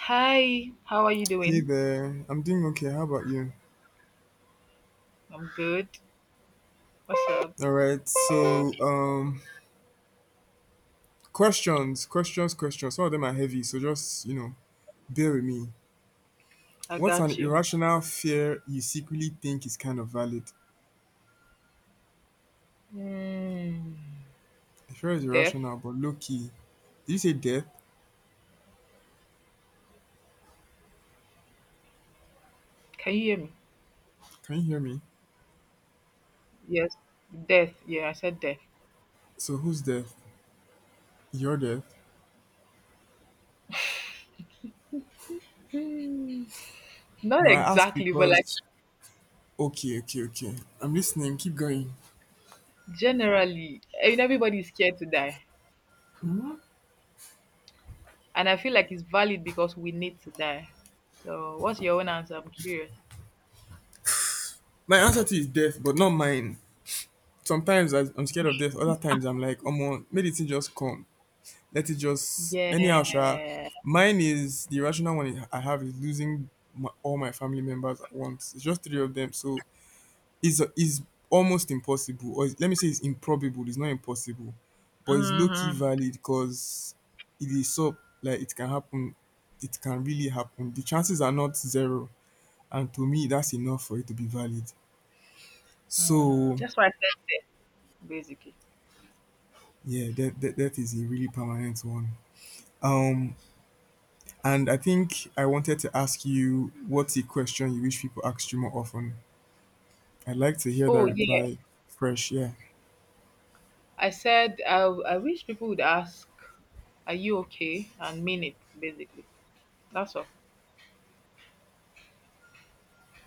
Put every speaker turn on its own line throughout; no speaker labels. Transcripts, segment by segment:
Hi, how are you
Hey
doing?
there, I'm doing okay. How about you?
I'm good. What's up?
All right. Questions, questions, questions. Some of them are heavy, so just bear with me.
I
What's an
got you.
irrational fear you secretly think is kind of valid?
Mm,
The fear is
death.
irrational, but low key. Did you say death?
Can you hear me?
Can you hear me?
Yes. Death. Yeah, I said death.
So, who's death? Your death?
Not
No, I ask
exactly, but like
because. Okay, okay, okay. I'm listening. Keep going.
generally, I mean, everybody's scared to die. And I feel like it's valid because we need to die. So, what's your own answer? I'm curious.
My answer to is death, but not mine. Sometimes I'm scared of death. Other times I'm like, oh, medicine just come. Let it just
Yeah.
anyhow sha. Mine is the rational one I have is losing my, all my family members at once. It's just three of them, so it's almost impossible, or it's, let me say it's improbable, it's not impossible, but it's low-key
Mm-hmm.
valid because it is so. Like it can happen, it can really happen, the chances are not zero, and to me that's enough for it to be valid. So
That's why I said death, basically.
yeah, that is a really permanent one. um And I think I wanted to ask you, what's the question you wish people asked you more often? I'd like to hear that
Oh, yeah.
reply fresh. Yeah,
I said, I wish people would ask, are you okay? And mean it, basically. That's all.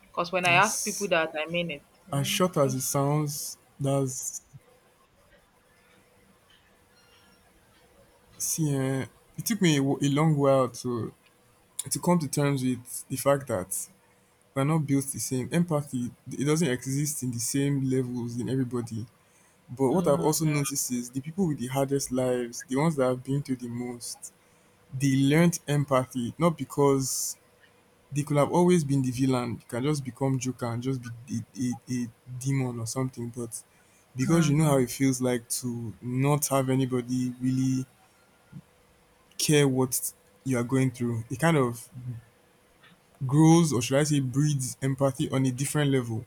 Because when I ask people
that's
that, I mean it.
as short
It's
as it
just.
sounds. See, eh, it took me a long while to come to terms with the fact that we're not built the same. Empathy, it doesn't exist in the same levels in everybody. But what I've also
Mhm,
noticed is the people with the hardest lives, the ones that have been through the most, they learned empathy not because. They could have always been the villain. You can just become Joker and just be a demon or something. But because you know how
mhm.
it feels like to not have anybody really care what you are going through, it kind of grows, or should I say, breeds empathy on a different level.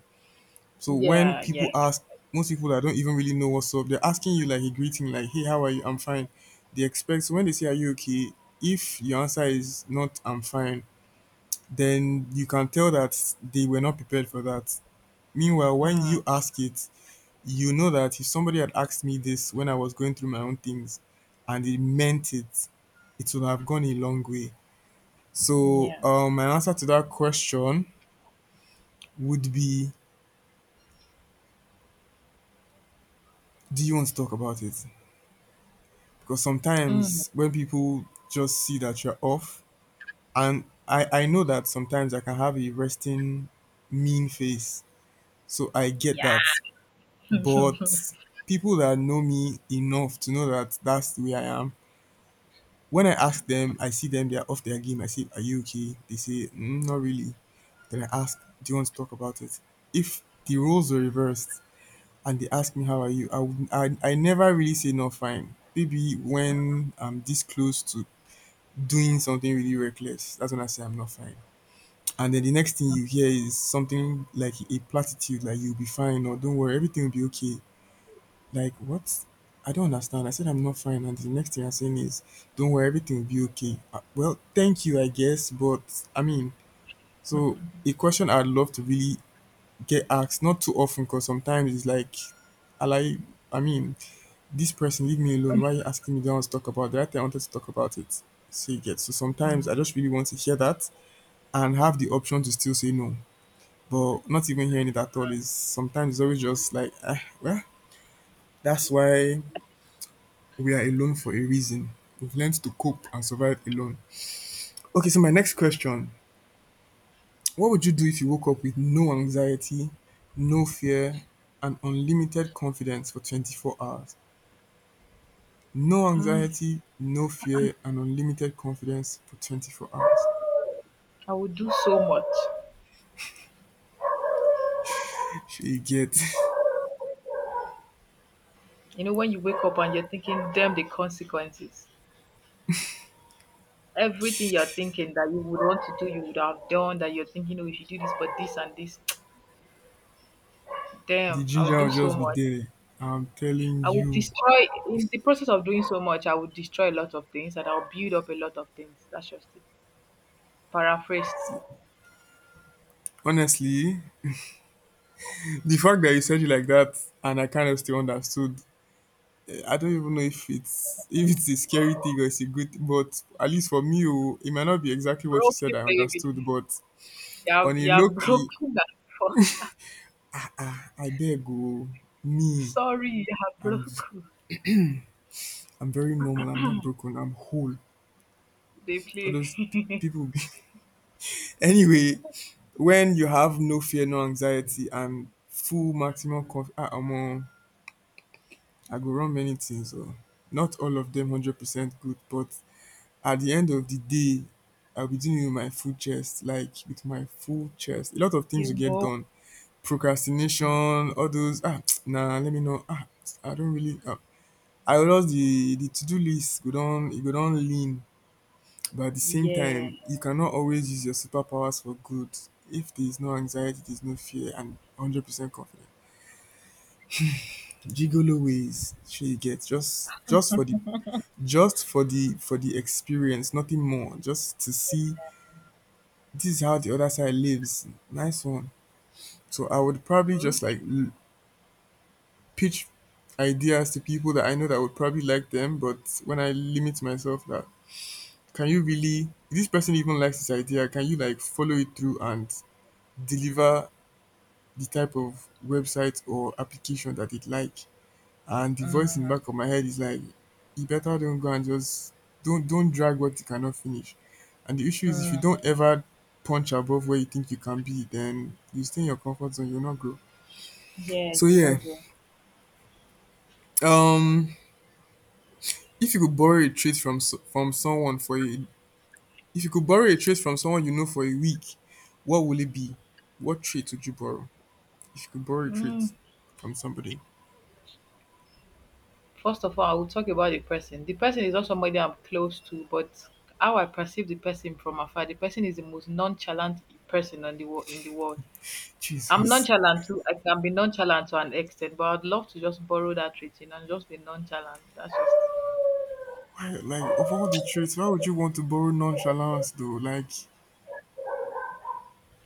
So when
Yeah, yeah.
people ask, most people that don't even really know what's up, they're asking you like a greeting, like, hey, how are you? I'm fine. They expect, so when they say, are you okay? If your answer is not, I'm fine, then you can tell that they were not prepared for that. Meanwhile when
Mm,
you ask it, you know that if somebody had asked me this when I was going through my own things and they meant it, it would have gone a long way. So
yeah.
my answer to that question would be, do you want to talk about it? Because
Mm,
sometimes when people just see that you're off, and I know that sometimes I can have a resting mean face, so I get
yeah.
that. But people that know me enough to know that that's the way I am, when I ask them, I see them, they're off their game. I say, Are you okay? They say, mm, Not really. Then I ask, Do you want to talk about it? If the roles were reversed and they ask me, How are you? I never really say, No, fine. Maybe when I'm this close to doing something really reckless, that's when I say, I'm not fine. And then the next thing you hear is something like a platitude, like you'll be fine, or don't worry, everything will be okay. Like what, I don't understand. I said I'm not fine, and the next thing I'm saying is, don't worry, everything will be okay. Well, thank you, I guess, but I mean, so a question I'd love to really get asked, not too often because sometimes it's like, I like, I mean, this person leave me alone, why are you asking me, do not want to talk about that, I wanted to talk about it. So you get, so sometimes
Mm,
I just really want to hear that and have the option to still say no. But not even hearing it at all is sometimes, it's always just like, ah, well, that's why. We are alone for a reason. We've learned to cope and survive alone. Okay, so my next question. What would you do if you woke up with no anxiety, no fear, and unlimited confidence for 24 hours? No
mm.
anxiety, no fear, and unlimited confidence for 24 hours.
I would do so much.
Shey you get?
You know, when you wake up and you're thinking, damn the consequences. Everything you're thinking that you would want to do, you would have done, that you're thinking, oh, if you do this, but this and this,
The
damn, I would
ginger
do
will
so
just be
much.
there. I'm telling
I would
you.
destroy in the process of doing so much. I would destroy a lot of things, and I'll build up a lot of things. That's just it. Paraphrased.
Honestly, the fact that you said it like that and I kind of still understood, I don't even know if it's a scary thing or it's a good, but at least for me, oh, it might not be exactly what you
Broken
said I understood,
baby,
but
you're
on a
you're
low key,
broken. Than before.
ah, I beg oh, me,
Sorry, you're
I'm
broken.
I'm very normal, I'm not broken, I'm whole.
They
All those
play.
people be anyway, when you have no fear, no anxiety and full maximum conf ah omo, I go run many things oh. Not all of them 100% good, but at the end of the day I will be doing it with my full chest, like with my full chest, a lot of things
You
will get
know.
done. Procrastination,
Mm.
all those ah nah, let me know ah, I don't really ah, I will just, the to-do list go down. E go down lean. But at the same
Yeah.
time you cannot always use your superpowers for good. If there is no anxiety, there is no fear and 100% confidence, gigolo ways shey you get, just, just for the experience, nothing more, just to see. This is how the other side lives. Nice one. So I would probably
Mm.
just like pitch ideas to people that I know that would probably like them, but when I limit myself, that, can you really? This person even likes this idea. Can you like follow it through and deliver the type of website or application that it like? And the voice in the
Mhm.
back of my head is like, you better don't go and just, don't drag what you cannot finish. And the issue is if you
Mhm.
don't ever punch above where you think you can be, then you stay in your comfort zone, you'll not grow.
Yeah,
So
you
yeah,
know. Not
um, if you could borrow a trait from someone for a, if you could borrow a trait from someone you know for a week, what will it be? What trait would you borrow if you could borrow a
mm.
trait from somebody?
First of all, I will talk about the person. The person is not somebody I'm close to, but how I perceive the person from afar, the person is the most nonchalant person on the world in the world. I'm
Jesus,
nonchalant too. I can be nonchalant to an extent, but I'd love to just borrow that trait, you know, and just be nonchalant. That's just
why? Like of all the traits, why would you want to borrow nonchalance though? Like,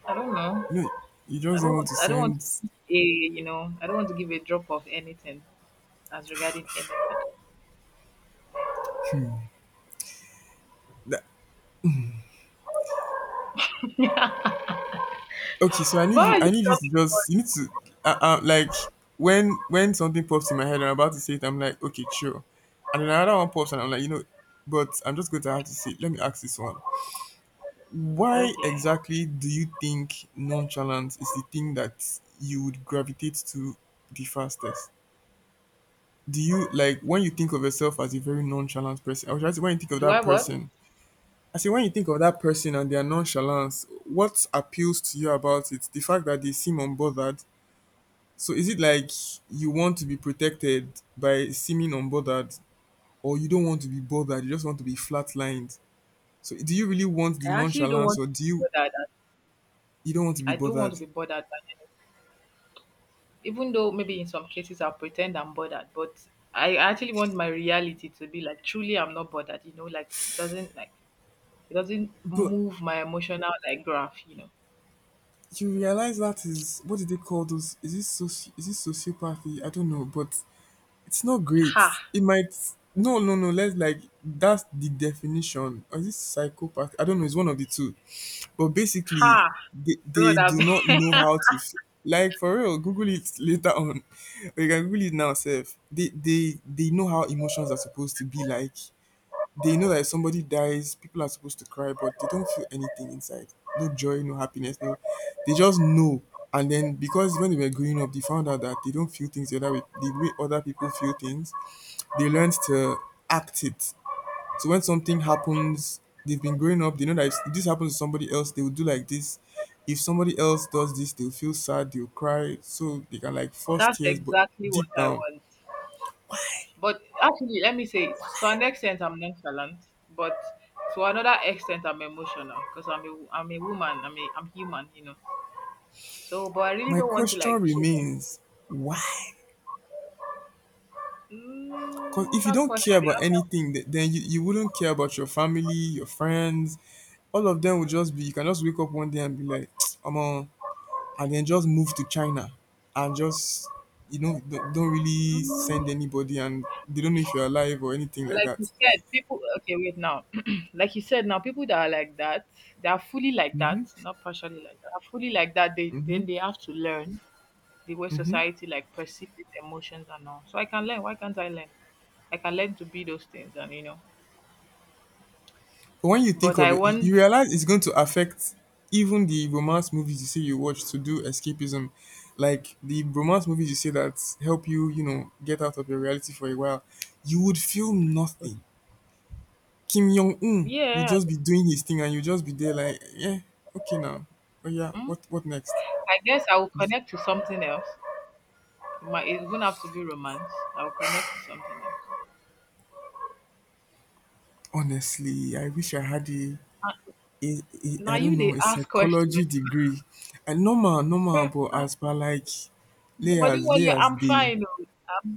I don't know.
no, you
I
just
don't
don't
want
want to
I don't want to
send.
give a you know, I don't want to give a drop of anything as regarding anything.
That. Okay, so I need
Why are
you.
you
I need you
talking
to
for?
just. You need to. Like when something pops in my head, and I'm about to say it. I'm like, okay, sure. And then another one pops, and I'm like, you know, but I'm just going to have to say it. Let me ask this one. Why
Okay.
exactly do you think nonchalance is the thing that you would gravitate to the fastest? Do you like when you think of yourself as a very nonchalant person? I was trying to, when you think of
Do I
that
what?
person, I say when you think of that person and their nonchalance, what appeals to you about it? The fact that they seem unbothered. So is it like you want to be protected by seeming unbothered, or you don't want to be bothered, you just want to be flatlined? So do you really want the
I actually don't
nonchalance
want
or do
to
you,
be bothered.
you don't want to be
I don't want to
bothered?
be bothered by even though maybe in some cases I'll pretend I'm bothered, but I actually want my reality to be like truly I'm not bothered, you know, like it doesn't
But
move my emotional like graph, you know.
you realize that is, what do they call those, is this is this sociopathy? I don't know, but it's not great.
Ha
It might, no. Let's like, that's the definition. Or is it psychopath? I don't know. It's one of the two. But basically,
ha
they
God I
do
beg.
not know how to like for real. Google it later on. Or you can Google it now, Seth. They know how emotions are supposed to be like. They know that if somebody dies, people are supposed to cry, but they don't feel anything inside. No joy, no happiness, no. They just know. And then because when they were growing up, they found out that they don't feel things the other way, the way other people feel things. They learned to act it. So when something happens, they've been growing up. They know that if this happens to somebody else, they will do like this. If somebody else does this, they'll feel sad. They'll cry. So they can like force
That's
tears, but
exactly what
deep
I
down,
want. But actually let me say to an extent I'm nonchalant, but to another extent I'm emotional because I'm a woman, I'm a I'm human, you know. So but I really
my
don't want to
question
like care.
remains: Why? Because if you
That
don't care
question, the
about
answer.
anything, then you wouldn't care about your family, your friends. All of them will just be, you can just wake up one day and be like, I'm on, and then just move to China and just, don't really send
Hmm.
anybody and they don't know if you're alive or anything like
Like
that.
you said, people. Okay, wait now. Like you said, now people that are like that, they are fully like
Mm-hmm.
that, not partially like that. Are fully like that. They
Mm-hmm.
then they have to learn the way
Mm-hmm.
society like perceives its emotions and all. So I can learn. Why can't I learn? I can learn to be those things, and you know.
But when you think
But I
of it, you
want.
realize it's going to affect even the romance movies you say you watch to do escapism. Like the romance movies you say that help you, get out of your reality for a while, you would feel nothing. Kim Jong Un would
Yeah.
just be doing his thing, and you just be there like, yeah, okay now, oh yeah,
mm,
what next?
I guess I will connect to something else. It might it won't have to be romance. I will connect to something else.
Honestly, I wish I had
Ah,
a
now
I don't
you
know
they
a
ask questions.
psychology degree. And normal, but as per like
No, but don't
layers,
worry.
layers
I'm
day.
fine. Oh.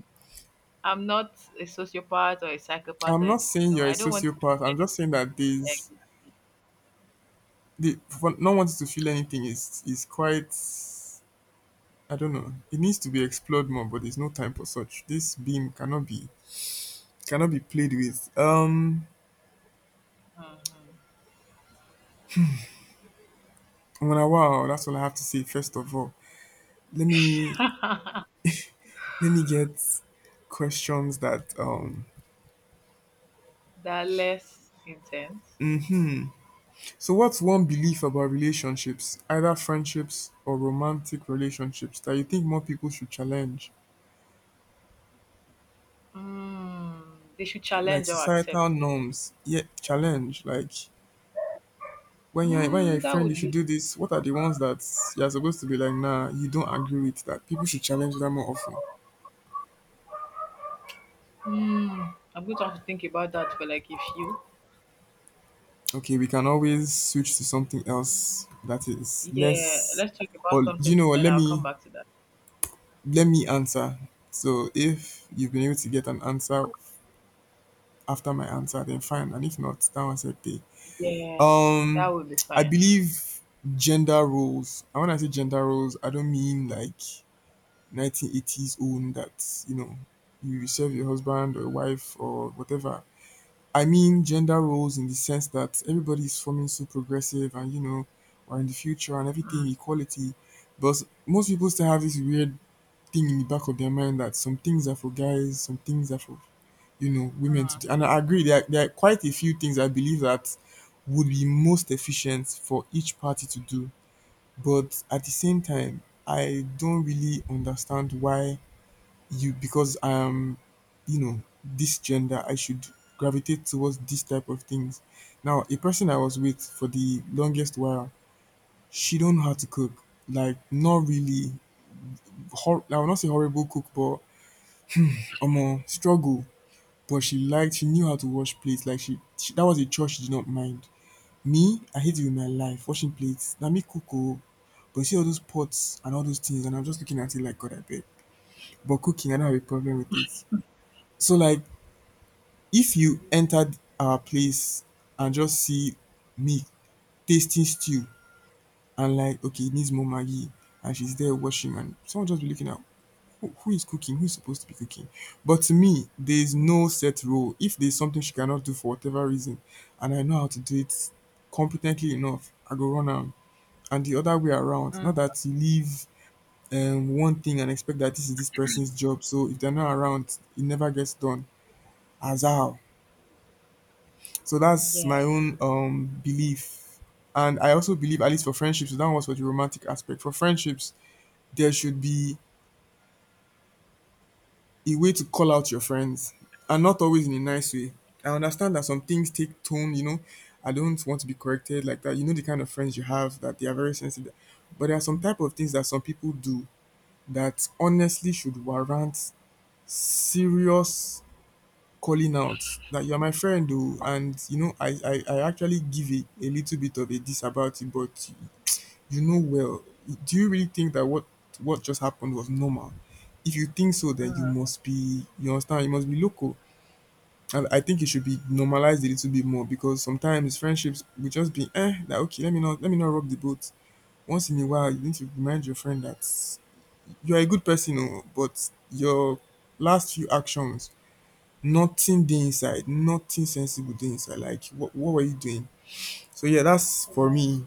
I'm not a sociopath or a psychopath or
I'm not
anything.
saying
No,
you're a
I don't want to be
sociopath. I'm just
anybody
saying that there's
exactly.
the for not wanting to feel anything is quite. I don't know. It needs to be explored more, but there's no time for such. This beam cannot be cannot be played with.
Hmm.
Mwana, wow, that's all I have to say. First of all, let me let me get questions that.
They're less intense.
So, what's one belief about relationships, either friendships or romantic relationships, that you think more people should challenge?
They should
Like
challenge or
societal
accept.
norms, yeah, challenge like when you're a
That
friend you
would
should
be.
do this. What are the ones that you're supposed to be like nah, you don't agree with that? People should challenge that more often.
I'm going to have to think about that for like a few.
Okay, we can always switch to something else that is
Yeah,
less,
let's talk about
or do
something,
you know what,
then I'll come back to that.
let me answer. So if you've been able to get an answer after my answer, then fine, and if not, that one's okay.
Yeah, that
um
would be
I
fine.
believe gender roles, and when I say gender roles, I don't mean like 1980s own that, you know, you serve your husband or your wife or whatever. I mean gender roles in the sense that everybody is forming so progressive and, you know, or in the future and everything
Mm,
equality, but most people still have this weird thing in the back of their mind that some things are for guys, some things are for, you know, women to
mm,
do. And
mm,
I agree there are quite a few things I believe that would be most efficient for each party to do, but at the same time I don't really understand why you, because I am, you know, this gender, I should gravitate towards this type of things. Now, a person I was with for the longest while, she don't know how to cook. Like, not really. Hor- I will not say horrible cook, but struggle. But she liked, she knew how to wash plates. Like, she that was a chore she did not mind. Me, I hate it with my life, washing plates. Now, me cook, oh, but you see all those pots and all those things, and I'm just looking at it like, God, I beg. But cooking, I don't have a problem with it. So, like, if you enter our place and just see me tasting stew and like, okay, it needs more Maggi, and she's there washing, and someone just be looking at who is cooking, who's supposed to be cooking. But to me, there's no set rule. If there's something she cannot do for whatever reason, and I know how to do it competently enough, I go run am. And the other way around, not
mm.
that you leave one thing and expect that this is this person's job. So if they're not around, it never gets done. As how? So that's
Yeah,
my own belief. And I also believe, at least for friendships, so that was for the romantic aspect. For friendships, there should be a way to call out your friends, and not always in a nice way. I understand that some things take tone, you know. I don't want to be corrected like that. You know the kind of friends you have that they are very sensitive. But there are some type of things that some people do that honestly should warrant serious calling out, that you're my friend though, and you know I actually give a little bit of a diss about it. But you know, well, do you really think that what just happened was normal? If you think so, then you
mm.
must be, you understand, you must be local. And I think it should be normalized a little bit more, because sometimes friendships will just be eh, that okay, let me not rock the boat. Once in a while you need to remind your friend that you're a good person, oh, but your last few actions, nothing dey inside, nothing sensible dey inside. Like, what were you doing? So, yeah, that's for me.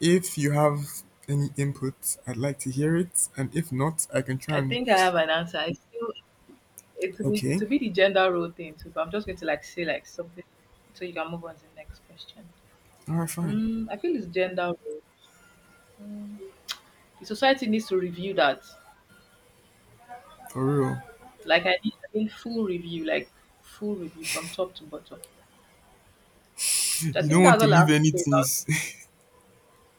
If you have any input, I'd like to hear it. And if not, I can try
I
and.
think I have an answer. I still, it will be it
Okay,
will be the gender role thing too, but I'm just going to like say like something so you can move on to the next question.
all right, fine.
I feel it's gender role. The society needs to review that.
For real.
Like I need full review, like full review from top to bottom. So I
You
think
don't
that's
want to
all I
leave
have to
any
say about
things.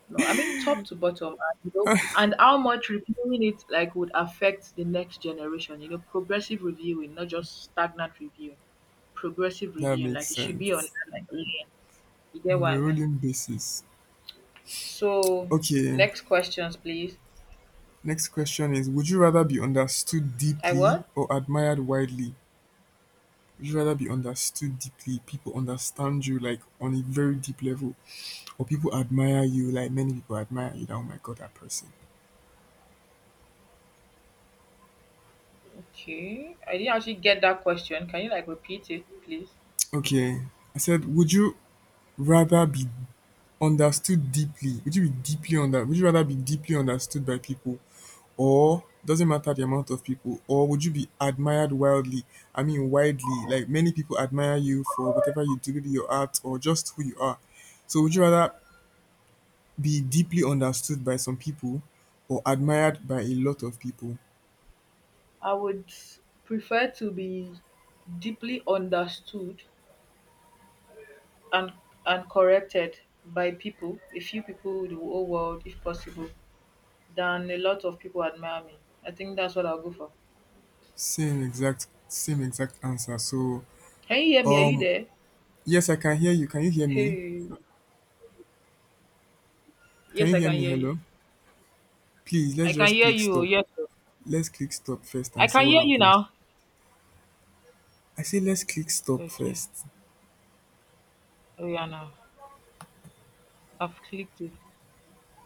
no, I mean top to bottom, and, you know, and how much reviewing it like would affect the next generation. You know, progressive reviewing, not just stagnant reviewing. Progressive
That
reviewing, like
makes
it should be on
sense.
like lane. You get
On
what
a
I mean?
rolling basis.
So,
Okay,
next questions, please.
next question is, would you rather be understood
I
deeply
what?
or admired widely? Would you rather be understood deeply, people understand you like on a very deep level, or people admire you like many people admire you, that oh my god, that person.
Okay. I didn't actually get that question. Can you like repeat it, please?
Okay, I said would you rather be understood deeply, would you rather be deeply understood by people, or doesn't matter the amount of people, or would you be admired wildly, I mean widely, like many people admire you for whatever you do, maybe your art or just who you are. So would you rather be deeply understood by some people, or admired by a lot of people?
I would prefer to be deeply understood and corrected by people, a few people, the whole world, if possible, than a lot of people admire me. I think that's what I'll go for.
Same exact answer. So
Can you hear me? Are you
um
there?
yes, I can hear you. Can you hear me?
Hey.
Can
Yes,
you
I
hear
can
me?
hear you.
Hello? Please,
I
let's
can
just
hear
click
you.
stop.
Yes, sir.
Let's click stop first
I
and see
can
what
hear you
happens.
now.
I say let's click stop
Okay.
first.
Oh yeah now. I've clicked it.